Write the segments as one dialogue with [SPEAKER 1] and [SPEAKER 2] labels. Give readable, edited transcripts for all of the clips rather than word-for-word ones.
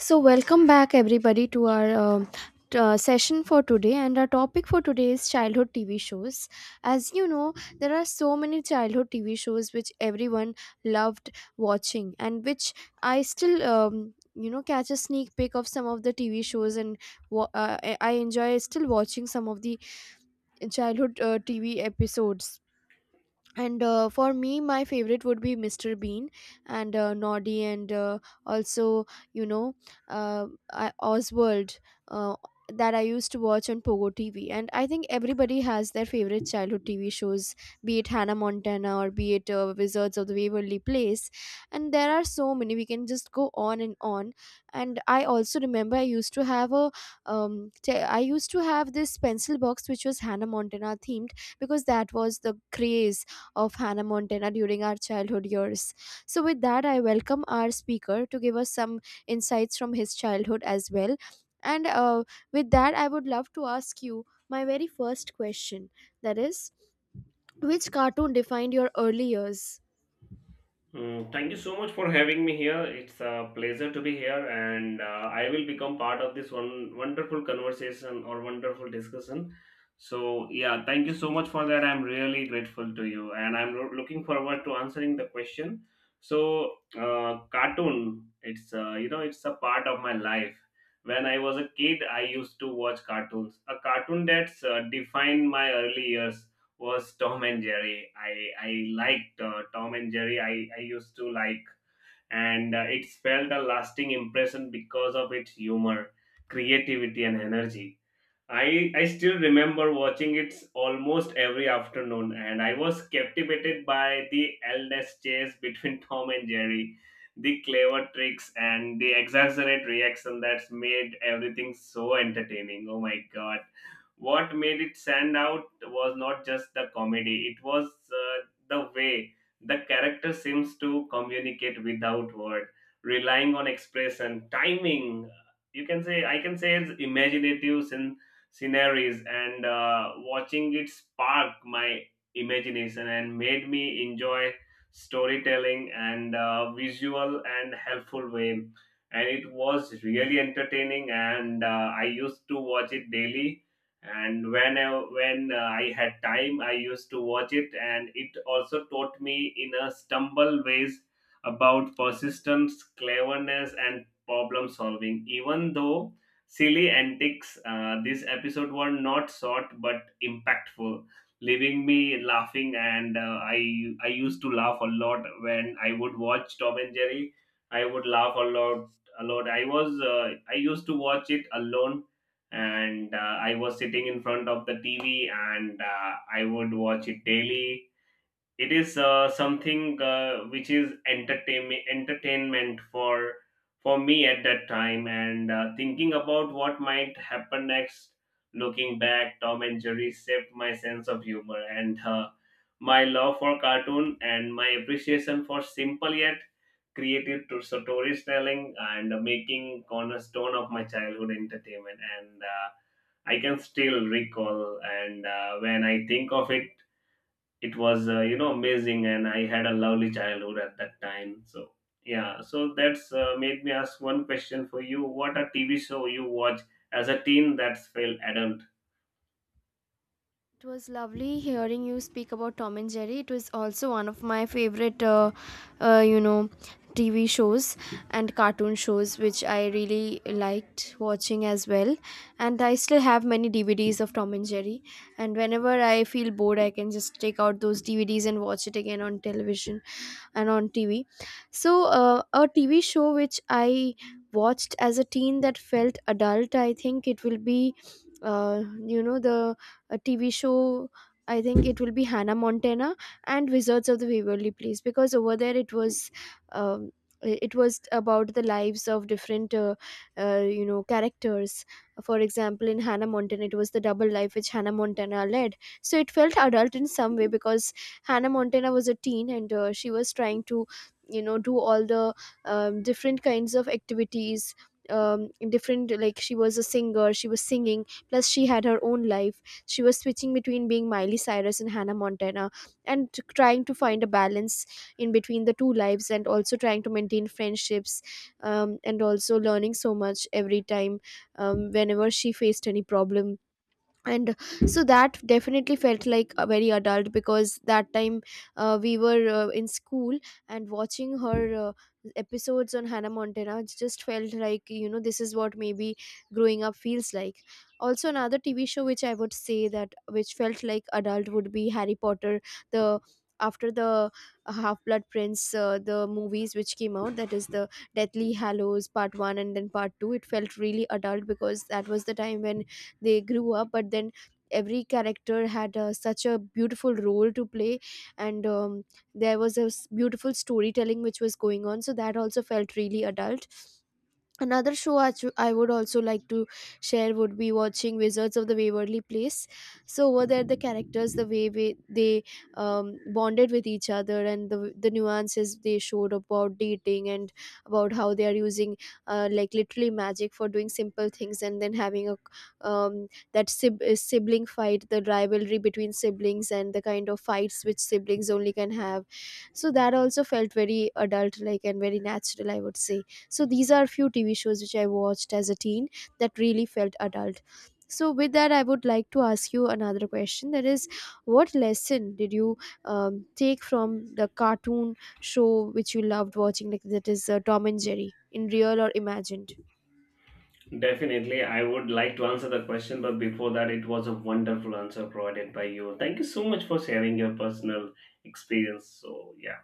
[SPEAKER 1] So, welcome back everybody to our session for today. And our topic for today is childhood TV shows. As you know, there are so many childhood TV shows which everyone loved watching, and which I still catch a sneak peek of some of the TV shows, and I enjoy still watching some of the childhood TV episodes. And for me, my favorite would be Mr. Bean and Noddy, and also you know uh, I, Oswald, uh, that I used to watch on Pogo TV. And I think everybody has their favorite childhood TV shows, be it Hannah Montana, or be it Wizards of the Waverly Place. And there are so many, we can just go on and on. And I also remember I used to have a I used to have this pencil box which was Hannah Montana themed, because that was the craze of Hannah Montana during our childhood years. So, with that, I welcome our speaker to give us some insights from his childhood as well. And with that, I would love to ask you my very first question, that is, which cartoon defined your early years?
[SPEAKER 2] Thank you so much for having me here. It's a pleasure to be here, and I will become part of this one wonderful conversation or wonderful discussion. So, yeah, thank you so much for that. I'm really grateful to you, and looking forward to answering the question. So, cartoon, it's a part of my life. When I was a kid, I used to watch cartoons. A cartoon that's defined my early years was Tom and Jerry. I liked Tom and Jerry. I used to like, and it felt a lasting impression because of its humor, creativity, and energy. I still remember watching it almost every afternoon, and I was captivated by the endless chase between Tom and Jerry, the clever tricks and the exaggerated reaction that's made everything so entertaining. Oh my god! What made it stand out was not just the comedy; it was the way the character seems to communicate without word, relying on expression, timing. You can say I can say it's imaginative since sceneries and watching it spark my imagination and made me enjoy storytelling and visual and helpful way, and it was really entertaining, and I used to watch it daily. And when I had time I used to watch it, and it also taught me in a stumble ways about persistence, cleverness, and problem solving even though silly antics. This episode were not short but impactful, leaving me laughing. And I used to laugh a lot when I would watch Tom and Jerry. I would laugh a lot, a lot. I used to watch it alone, and I was sitting in front of the TV, and I would watch it daily. It is something which is entertainment for me at that time, and thinking about what might happen next, looking back, Tom and Jerry shaped my sense of humor and my love for cartoon and my appreciation for simple yet creative to storytelling and making cornerstone of my childhood entertainment. And I can still recall, and when I think of it, it was amazing, and I had a lovely childhood at that time. So yeah, so that's made me ask one question for you: what a TV show you watch as a teen that's felt adult?
[SPEAKER 1] It was lovely hearing you speak about Tom and Jerry. It was also one of my favorite, uh, you know, TV shows and cartoon shows, which I really liked watching as well. And I still have many DVDs of Tom and Jerry. And whenever I feel bored, I can just take out those DVDs and watch it again on television and on TV. So a TV show which I watched as a teen that felt adult, I think it will be, you know the TV show, I think it will be Hannah Montana and Wizards of the Waverly Place, because over there it was, um, it was about the lives of different, characters. For example, in Hannah Montana, it was the double life which Hannah Montana led. So it felt adult in some way, because Hannah Montana was a teen and she was trying to, you know, do all the different kinds of activities. um Different, like she was a singer, she was singing, plus she had her own life. She was switching between being Miley Cyrus and Hannah Montana, and trying to find a balance in between the two lives, and also trying to maintain friendships, and also learning so much every time, whenever she faced any problem. And so that definitely felt like a very adult, because that time we were in school, and watching her episodes on Hannah Montana just felt like, you know, this is what maybe growing up feels like. Also, another TV show which I would say that which felt like adult would be Harry Potter. The after the uh, half blood prince, the movies which came out, that is the Deathly Hallows Part 1 and then Part 2, it felt really adult because that was the time when they grew up, but then every character had such a beautiful role to play. And there was beautiful storytelling which was going on, so that also felt really adult. Another show I would also like to share would be watching Wizards of the Waverly Place. So over there, the characters, the way they bonded with each other, and the nuances they showed about dating, and about how they are using like literally magic for doing simple things, and then having a sibling fight, the rivalry between siblings, and the kind of fights which siblings only can have. So that also felt very adult like and very natural, I would say. So these are few TV shows which I watched as a teen that really felt adult. So with that, I would like to ask you another question, that is, what lesson did you take from the cartoon show which you loved watching, like that is Tom and Jerry, in real or imagined?
[SPEAKER 2] Definitely I would like to answer the question, but before that, it was a wonderful answer provided by you. Thank you so much for sharing your personal experience. So yeah,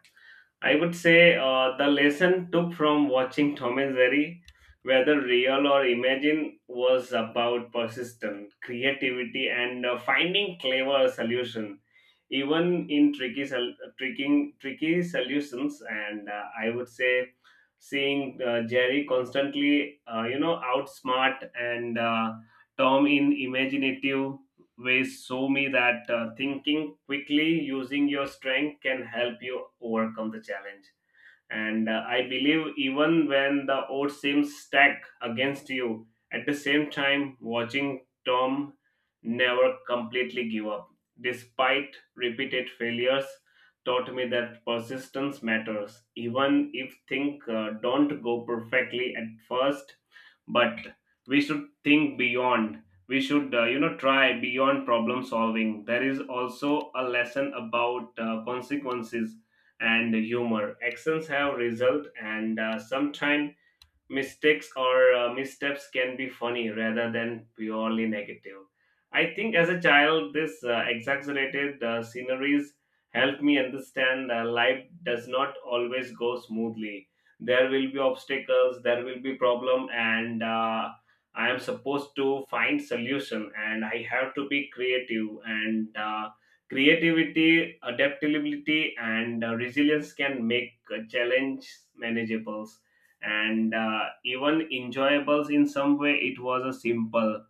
[SPEAKER 2] I would say the lesson took from watching Tom and Jerry, whether real or imagined, was about persistence, creativity, and finding clever solution, even in tricky solutions. And I would say seeing Jerry constantly, outsmart and Tom in imaginative ways show me that thinking quickly using your strength can help you overcome the challenge. And I believe even when the odds seem stacked against you, at the same time, watching Tom never completely give up despite repeated failures taught me that persistence matters even if things don't go perfectly at first. But we should think beyond, we should try beyond problem solving. There is also a lesson about consequences and humor: actions have result, and sometimes mistakes or missteps can be funny rather than purely negative. I think as a child, this exaggerated sceneries helped me understand life does not always go smoothly. There will be obstacles, there will be problem, and I am supposed to find solution. And I have to be creative. And creativity, adaptability, and resilience can make a challenge manageable and even enjoyable in some way. It was a simple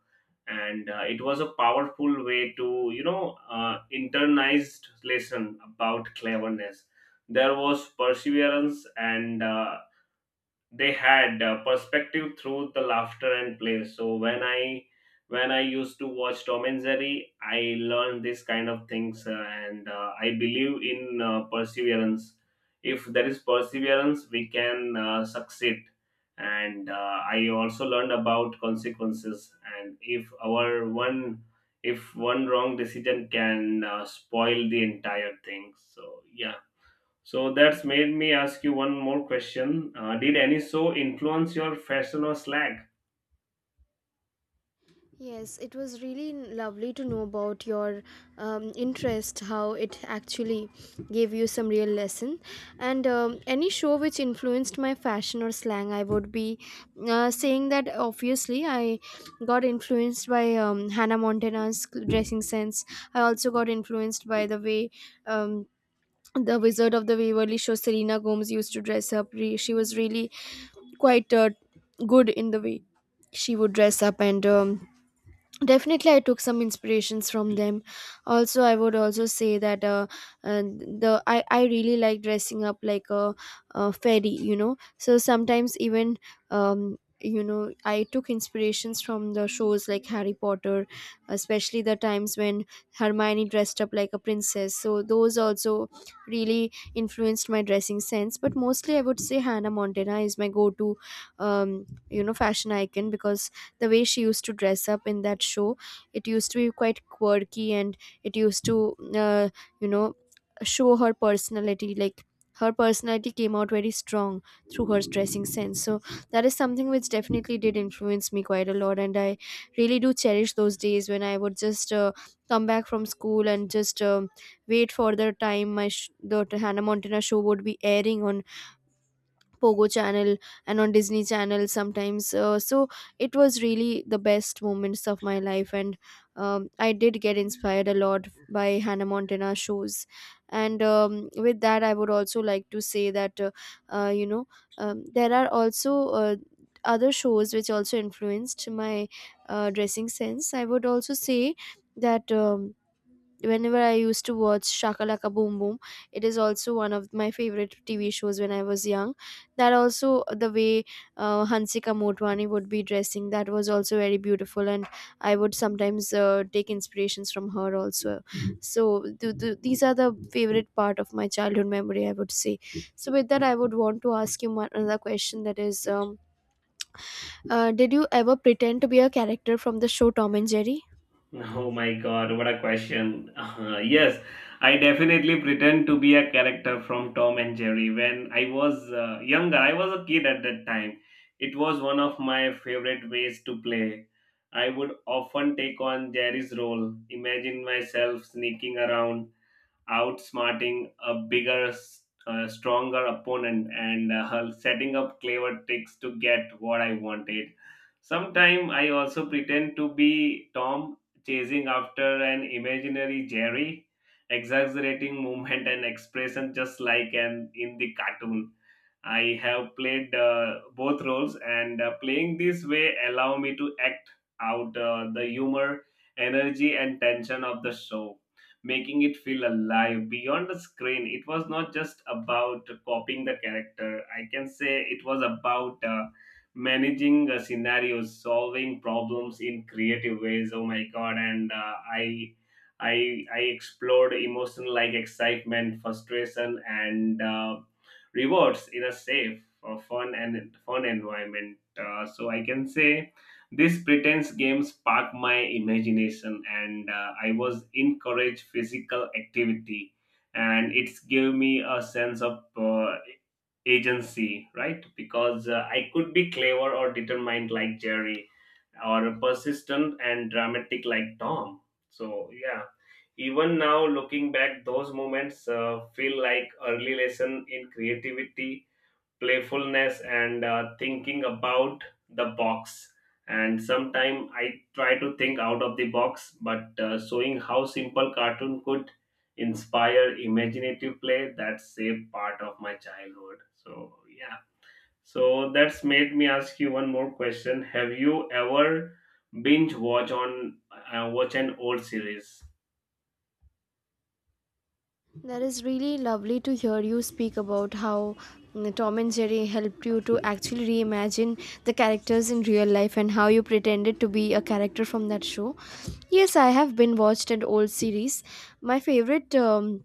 [SPEAKER 2] and it was a powerful way to internalized lesson about cleverness. There was perseverance, and they had perspective through the laughter and play. So when I, when I used to watch Tom and Jerry, I learned this kind of things, and I believe in perseverance. If there is perseverance, we can succeed. And I also learned about consequences, and if one wrong decision can spoil the entire thing. So yeah, so that's made me ask you one more question. Did any show influence your fashion or slack?
[SPEAKER 1] Yes, it was really lovely to know about your interest, how it actually gave you some real lesson. And any show which influenced my fashion or slang, I would be saying that obviously I got influenced by Hannah Montana's dressing sense. I also got influenced by the way. Um, the Wizard of the Waverly show, Selena Gomez used to dress up. She was really quite good in the way she would dress up. And definitely I took some inspirations from them. Also, I would also say that, uh the I really like dressing up like a fairy, you know. So sometimes, even you know, I took inspirations from the shows like Harry Potter, especially the times when Hermione dressed up like a princess. So those also really influenced my dressing sense. But mostly I would say Hannah Montana is my go-to you know fashion icon, because the way she used to dress up in that show, it used to be quite quirky, and it used to uh, you know show her personality. Like her personality came out very strong through her dressing sense. So that is something which definitely did influence me quite a lot. And I really do cherish those days when I would just come back from school and just wait for the time my sh- the Hannah Montana show would be airing on Pogo channel and on Disney channel sometimes. So it was really the best moments of my life. And I did get inspired a lot by Hannah Montana shows. And with that, I would also like to say that, uh, you know there are also uh, other shows which also influenced my dressing sense. I would also say that whenever I used to watch Shakalaka Boom Boom, it is also one of my favorite TV shows when I was young, that also, the way Hansika Motwani would be dressing, that was also very beautiful. And I would sometimes take inspirations from her also. So these are the favorite part of my childhood memory, I would say. So with that, I would want to ask you another question, that is, did you ever pretend to be a character from the show Tom and Jerry?
[SPEAKER 2] Oh my god, what a question. Yes, I definitely pretend to be a character from Tom and Jerry when I was younger. I was a kid at that time. It was one of my favorite ways to play. I would often take on Jerry's role, imagine myself sneaking around outsmarting a stronger opponent, and setting up clever tricks to get what I wanted. Sometimes I also pretend to be Tom, chasing after an imaginary Jerry, exaggerating movement and expression just like an in the cartoon. I have played both roles, and playing this way allow me to act out the humor, energy, and tension of the show, making it feel alive beyond the screen. It was not just about copying the character. I can say it was about managing scenarios, solving problems in creative ways. Oh my god! And I explored emotion like excitement, frustration, and rewards in a safe, fun, and fun environment. So I can say these pretense games sparked my imagination, and I was encouraged physical activity, and it gave me a sense of agency, right? Because I could be clever or determined like Jerry, or persistent and dramatic like Tom. So yeah, even now looking back, those moments feel like early lesson in creativity, playfulness, and thinking about the box. And sometimes I try to think out of the box, but showing how simple cartoon could inspire imaginative play, that's a part of my childhood. So yeah, so that's made me ask you one more question. Have you ever binge watch on watch an old series?
[SPEAKER 1] That is really lovely to hear you speak about how, mm, Tom and Jerry helped you to actually reimagine the characters in real life, and how you pretended to be a character from that show. Yes, I have been watched an old series. My favorite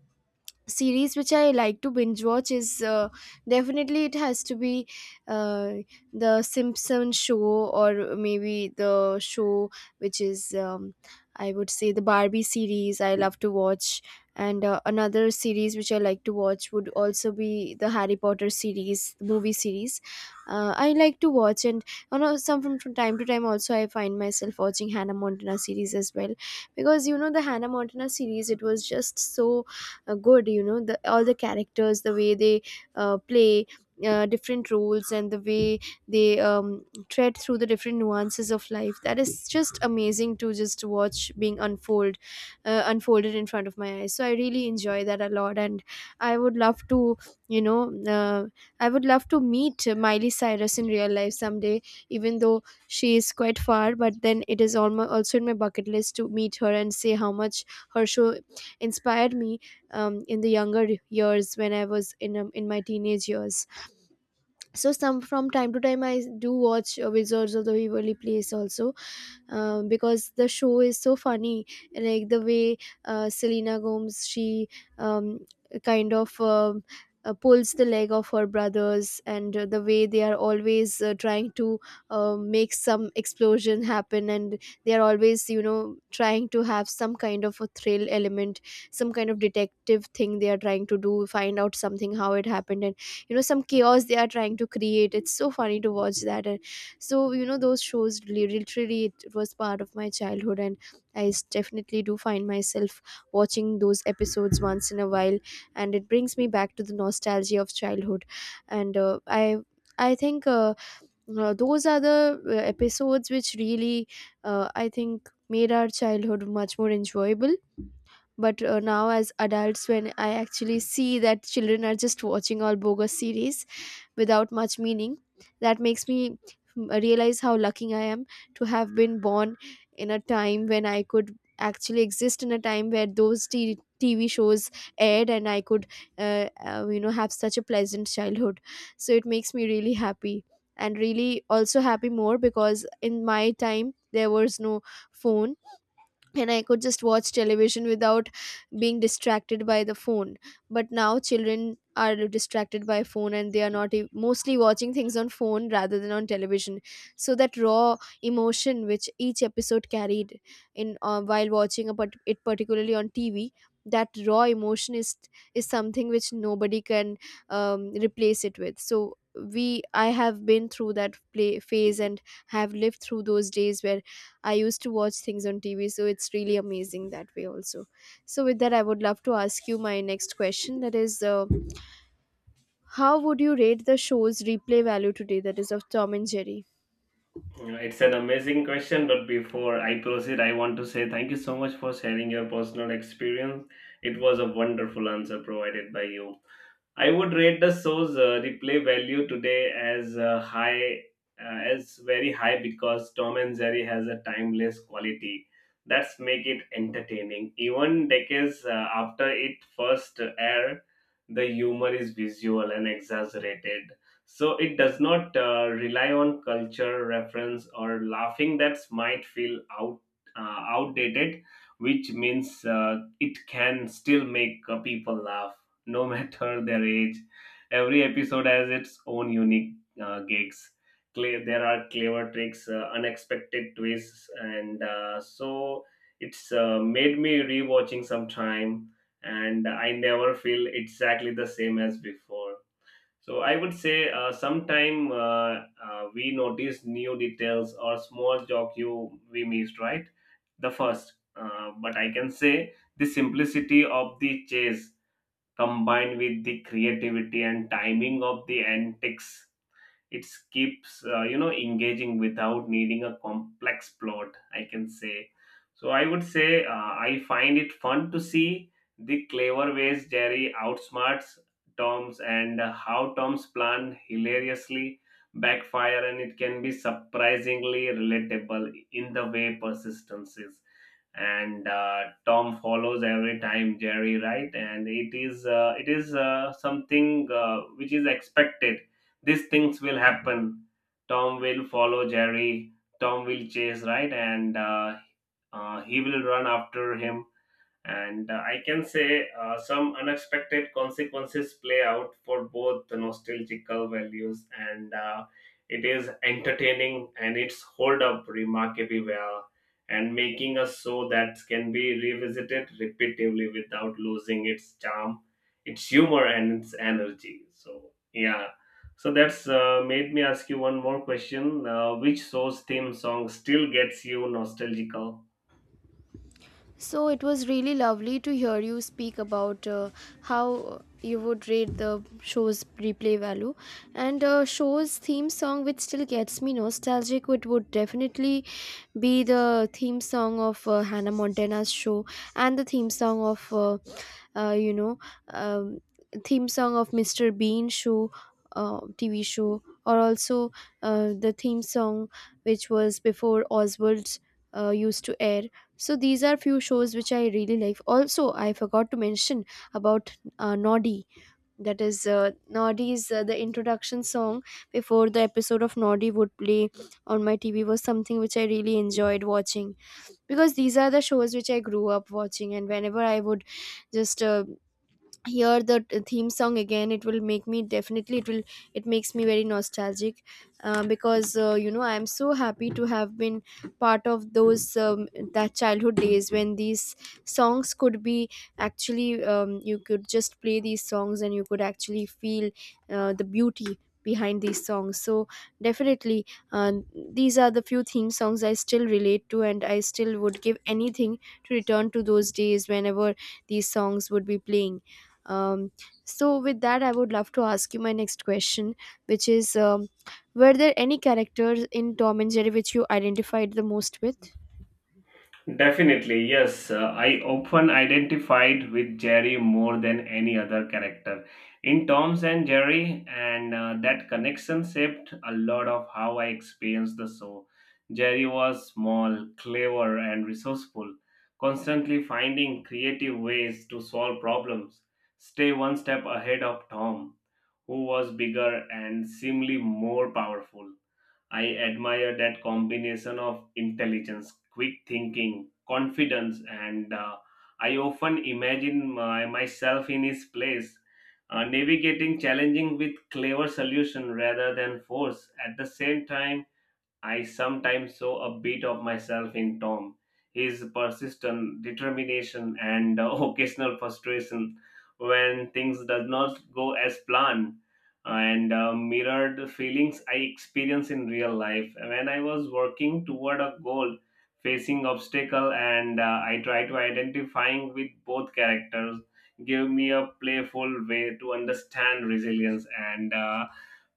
[SPEAKER 1] series which I like to binge watch is, definitely it has to be uh, the Simpson show, or maybe the show which is, I would say the Barbie series I love to watch. And another series which I like to watch would also be the Harry Potter series, the movie series I like to watch. And you know, some from time to time, also I find myself watching Hannah Montana series as well, because you know, the Hannah Montana series, it was just so good, you know, the all the characters, the way they play different roles, and the way they tread through the different nuances of life, that is just amazing to just watch being unfold, unfolded in front of my eyes. So I really enjoy that a lot. And I would love to, you know uh, I would love to meet Miley Cyrus in real life someday, even though she is quite far, but then it is almost also in my bucket list to meet her and say how much her show inspired me in the younger years, when I was in, in my teenage years. So some from time to time I do watch Wizards of the Waverly Place also, because the show is so funny, like the way Selena Gomez she um, kind of um pulls the leg of her brothers, and the way they are always trying to make some explosion happen, and they are always trying to have some kind of a thrill element, some kind of detective thing they are trying to do, find out something, how it happened, and some chaos they are trying to create. It's so funny to watch that. And so, those shows literally, it was part of my childhood, and I definitely do find myself watching those episodes once in a while, and it brings me back to the nostalgia of childhood. And I think, those are the episodes which really, I think, made our childhood much more enjoyable. But now, as adults, when I actually see that children are just watching all bogus series without much meaning, that makes me, realize how lucky I am to have been born in a time when I could actually exist in a time where those TV shows aired, and I could have such a pleasant childhood. So it makes me really happy, and really also happy more because in my time there was no phone, and I could just watch television without being distracted by the phone. But now children are distracted by phone, and they are not mostly watching things on phone rather than on television. So that raw emotion which each episode carried in, while watching a part- it particularly on TV, that raw emotion is something which nobody can replace it with. So we I have been through that play phase and have lived through those days where I used to watch things on TV, so it's really amazing that way also. So, with that, I would love to ask you my next question, that is, how would you rate the show's replay value today? That is of Tom and Jerry.
[SPEAKER 2] It's an amazing question, but before I proceed, I want to say thank you so much for sharing your personal experience. It was a wonderful answer provided by you. I would rate the show's replay value today as as very high, because Tom and Jerry has a timeless quality that's make it entertaining. Even decades after it first aired, the humor is visual and exaggerated. So it does not rely on culture reference or laughing that might feel outdated, which means it can still make people laugh no matter their age. Every episode has its own unique gigs. There are clever tricks, unexpected twists, and so it's made me rewatching some time, and I never feel exactly the same as before. So I would say sometime we notice new details or small joke you we missed, right? But I can say the simplicity of the chase combined with the creativity and timing of the antics, it keeps engaging without needing a complex plot, I can say. So I would say I find it fun to see the clever ways Jerry outsmarts Tom's, and how Tom's plan hilariously backfire, and it can be surprisingly relatable in the way persistence is. And Tom follows every time Jerry, right? And it is something which is expected. These things will happen. Tom will follow Jerry. Tom will chase, right? And he will run after him, and I can say some unexpected consequences play out for both the nostalgical values. And it is entertaining, and it's hold up remarkably well, and making a show that can be revisited repeatedly without losing its charm, its humor, and its energy. So yeah, so that's made me ask you one more question. Which show's theme song still gets you nostalgical?
[SPEAKER 1] So it was really lovely to hear you speak about how you would rate the show's replay value. And show's theme song, which still gets me nostalgic, it would definitely be the theme song of Hannah Montana's show, and the theme song of, uh, you know, um, theme song of Mr. Bean show. TV show, or also the theme song which was before Oswald's used to air. So these are few shows which I really like. Also, I forgot to mention about Noddy. That is, Noddy's, the introduction song before the episode of Noddy would play on my TV, was something which I really enjoyed watching, because these are the shows which I grew up watching, and whenever I would just hear the theme song again, it will make me definitely, it makes me very nostalgic, because, I am so happy to have been part of those that childhood days, when these songs could be actually, you could just play these songs and you could actually feel the beauty behind these songs. So definitely, uh, these are the few theme songs I still relate to, and I still would give anything to return to those days whenever these songs would be playing. um, so, with that, I would love to ask you my next question, which is, were there any characters in Tom and Jerry which you identified the most with?
[SPEAKER 2] Definitely, yes. I often identified with Jerry more than any other character in Tom's and Jerry, and that connection shaped a lot of how I experienced the show. Jerry was small, clever, and resourceful, constantly finding creative ways to solve problems, stay one step ahead of Tom, who was bigger and seemingly more powerful. I admire that combination of intelligence, quick thinking, confidence, and I often imagine myself in his place, navigating challenging with clever solution rather than force. At the same time, I sometimes saw a bit of myself in Tom. His persistent determination and occasional frustration when things does not go as planned and mirrored feelings I experience in real life. When I was working toward a goal, facing obstacle, and I try to identifying with both characters gave me a playful way to understand resilience, and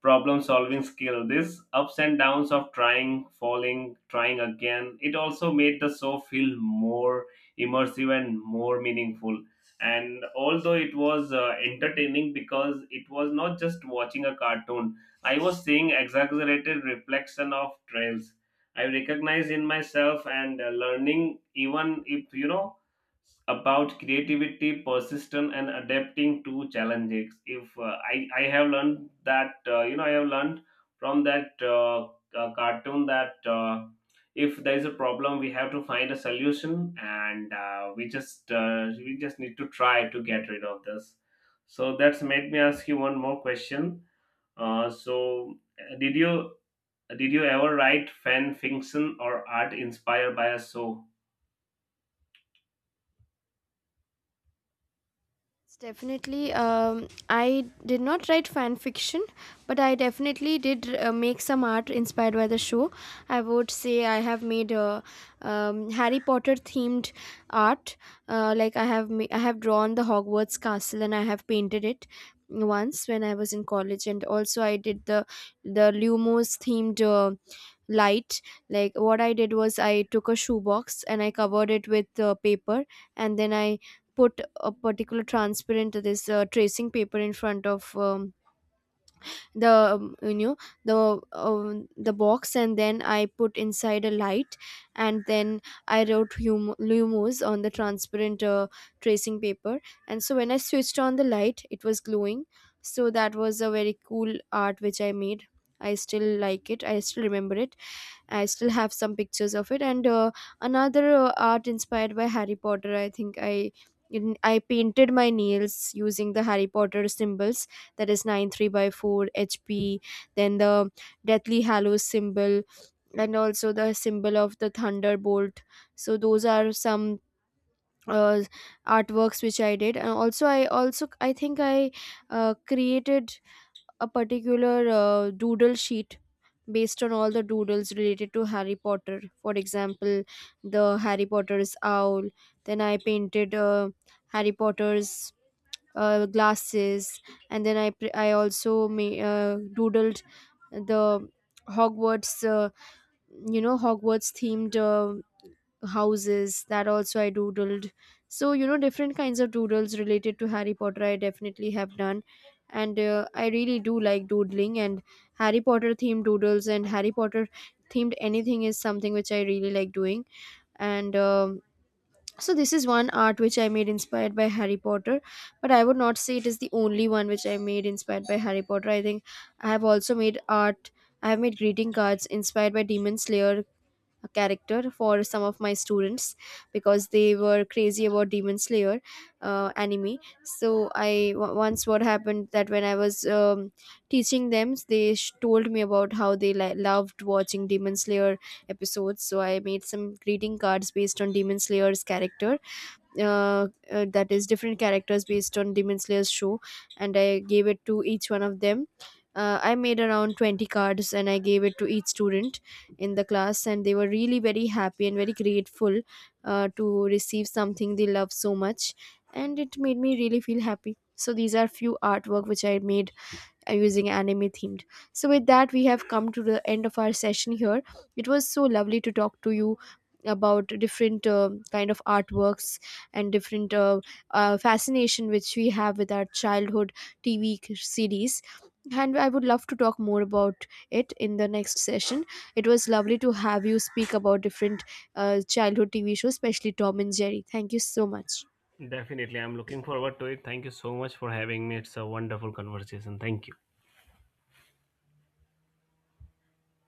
[SPEAKER 2] problem solving skill, this ups and downs of trying, falling, trying again. It also made the show feel more immersive and more meaningful, and although it was entertaining, because it was not just watching a cartoon, I was seeing exaggerated reflection of trails I recognized in myself, and learning even if you know about creativity, persistence, and adapting to challenges. If I I have learned that I have learned from that cartoon that if there is a problem, we have to find a solution, and we just need to try to get rid of this. So that's made me ask you one more question. So, did you ever write fan fiction or art inspired by a show?
[SPEAKER 1] Yes, definitely. I did not write fan fiction, but I definitely did make some art inspired by the show. I would say I have made a, Harry Potter themed art. Like, I have drawn the Hogwarts castle, and I have painted it once when I was in college. And also I did the, Lumos themed, light. Like, what I did was I took a shoebox and I covered it with paper, and then I put a particular transparent, this, tracing paper in front of, the um, you know the box, and then I put inside a light, and then I wrote Lumos on the transparent, tracing paper. And so when I switched on the light, it was glowing. So that was a very cool art which I made. I still like it, I still remember it, I still have some pictures of it. And another art inspired by Harry Potter, I think. I painted my nails using the Harry Potter symbols. That is 9¾ HP, then the Deathly Hallows symbol, and also the symbol of the Thunderbolt. So those are some uh, artworks which I did. And also, I think I created a particular doodle sheet based on all the doodles related to Harry Potter. For example, the Harry Potter's owl. Then I painted Harry Potter's glasses. And then I pr- I also ma- doodled the Hogwarts, Hogwarts themed houses. That also I doodled. So, different kinds of doodles related to Harry Potter, I definitely have done. And I really do like doodling, and Harry Potter themed doodles and Harry Potter themed anything is something which I really like doing. And so this is one art which I made inspired by Harry Potter, but I would not say it is the only one which I made inspired by Harry Potter. I think I have also made art, I have made greeting cards inspired by Demon Slayer, a character, for some of my students, because they were crazy about Demon Slayer, anime. So once what happened, that when I was, teaching them, they told me about how they loved watching Demon Slayer episodes. So I made some greeting cards based on Demon Slayer's character, that is different characters based on Demon Slayer's show, and I gave it to each one of them. I made around 20 cards, and I gave it to each student in the class, and they were really very happy and very grateful to receive something they love so much. And it made me really feel happy. So these are few artwork which I made using anime themed. So, with that, we have come to the end of our session here. It was so lovely to talk to you about different kind of artworks and different fascination which we have with our childhood TV series. And I would love to talk more about it in the next session. It was lovely to have you speak about different childhood TV shows, especially Tom and Jerry. Thank you so much.
[SPEAKER 2] Definitely. I'm looking forward to it. Thank you so much for having me. It's a wonderful conversation. Thank you.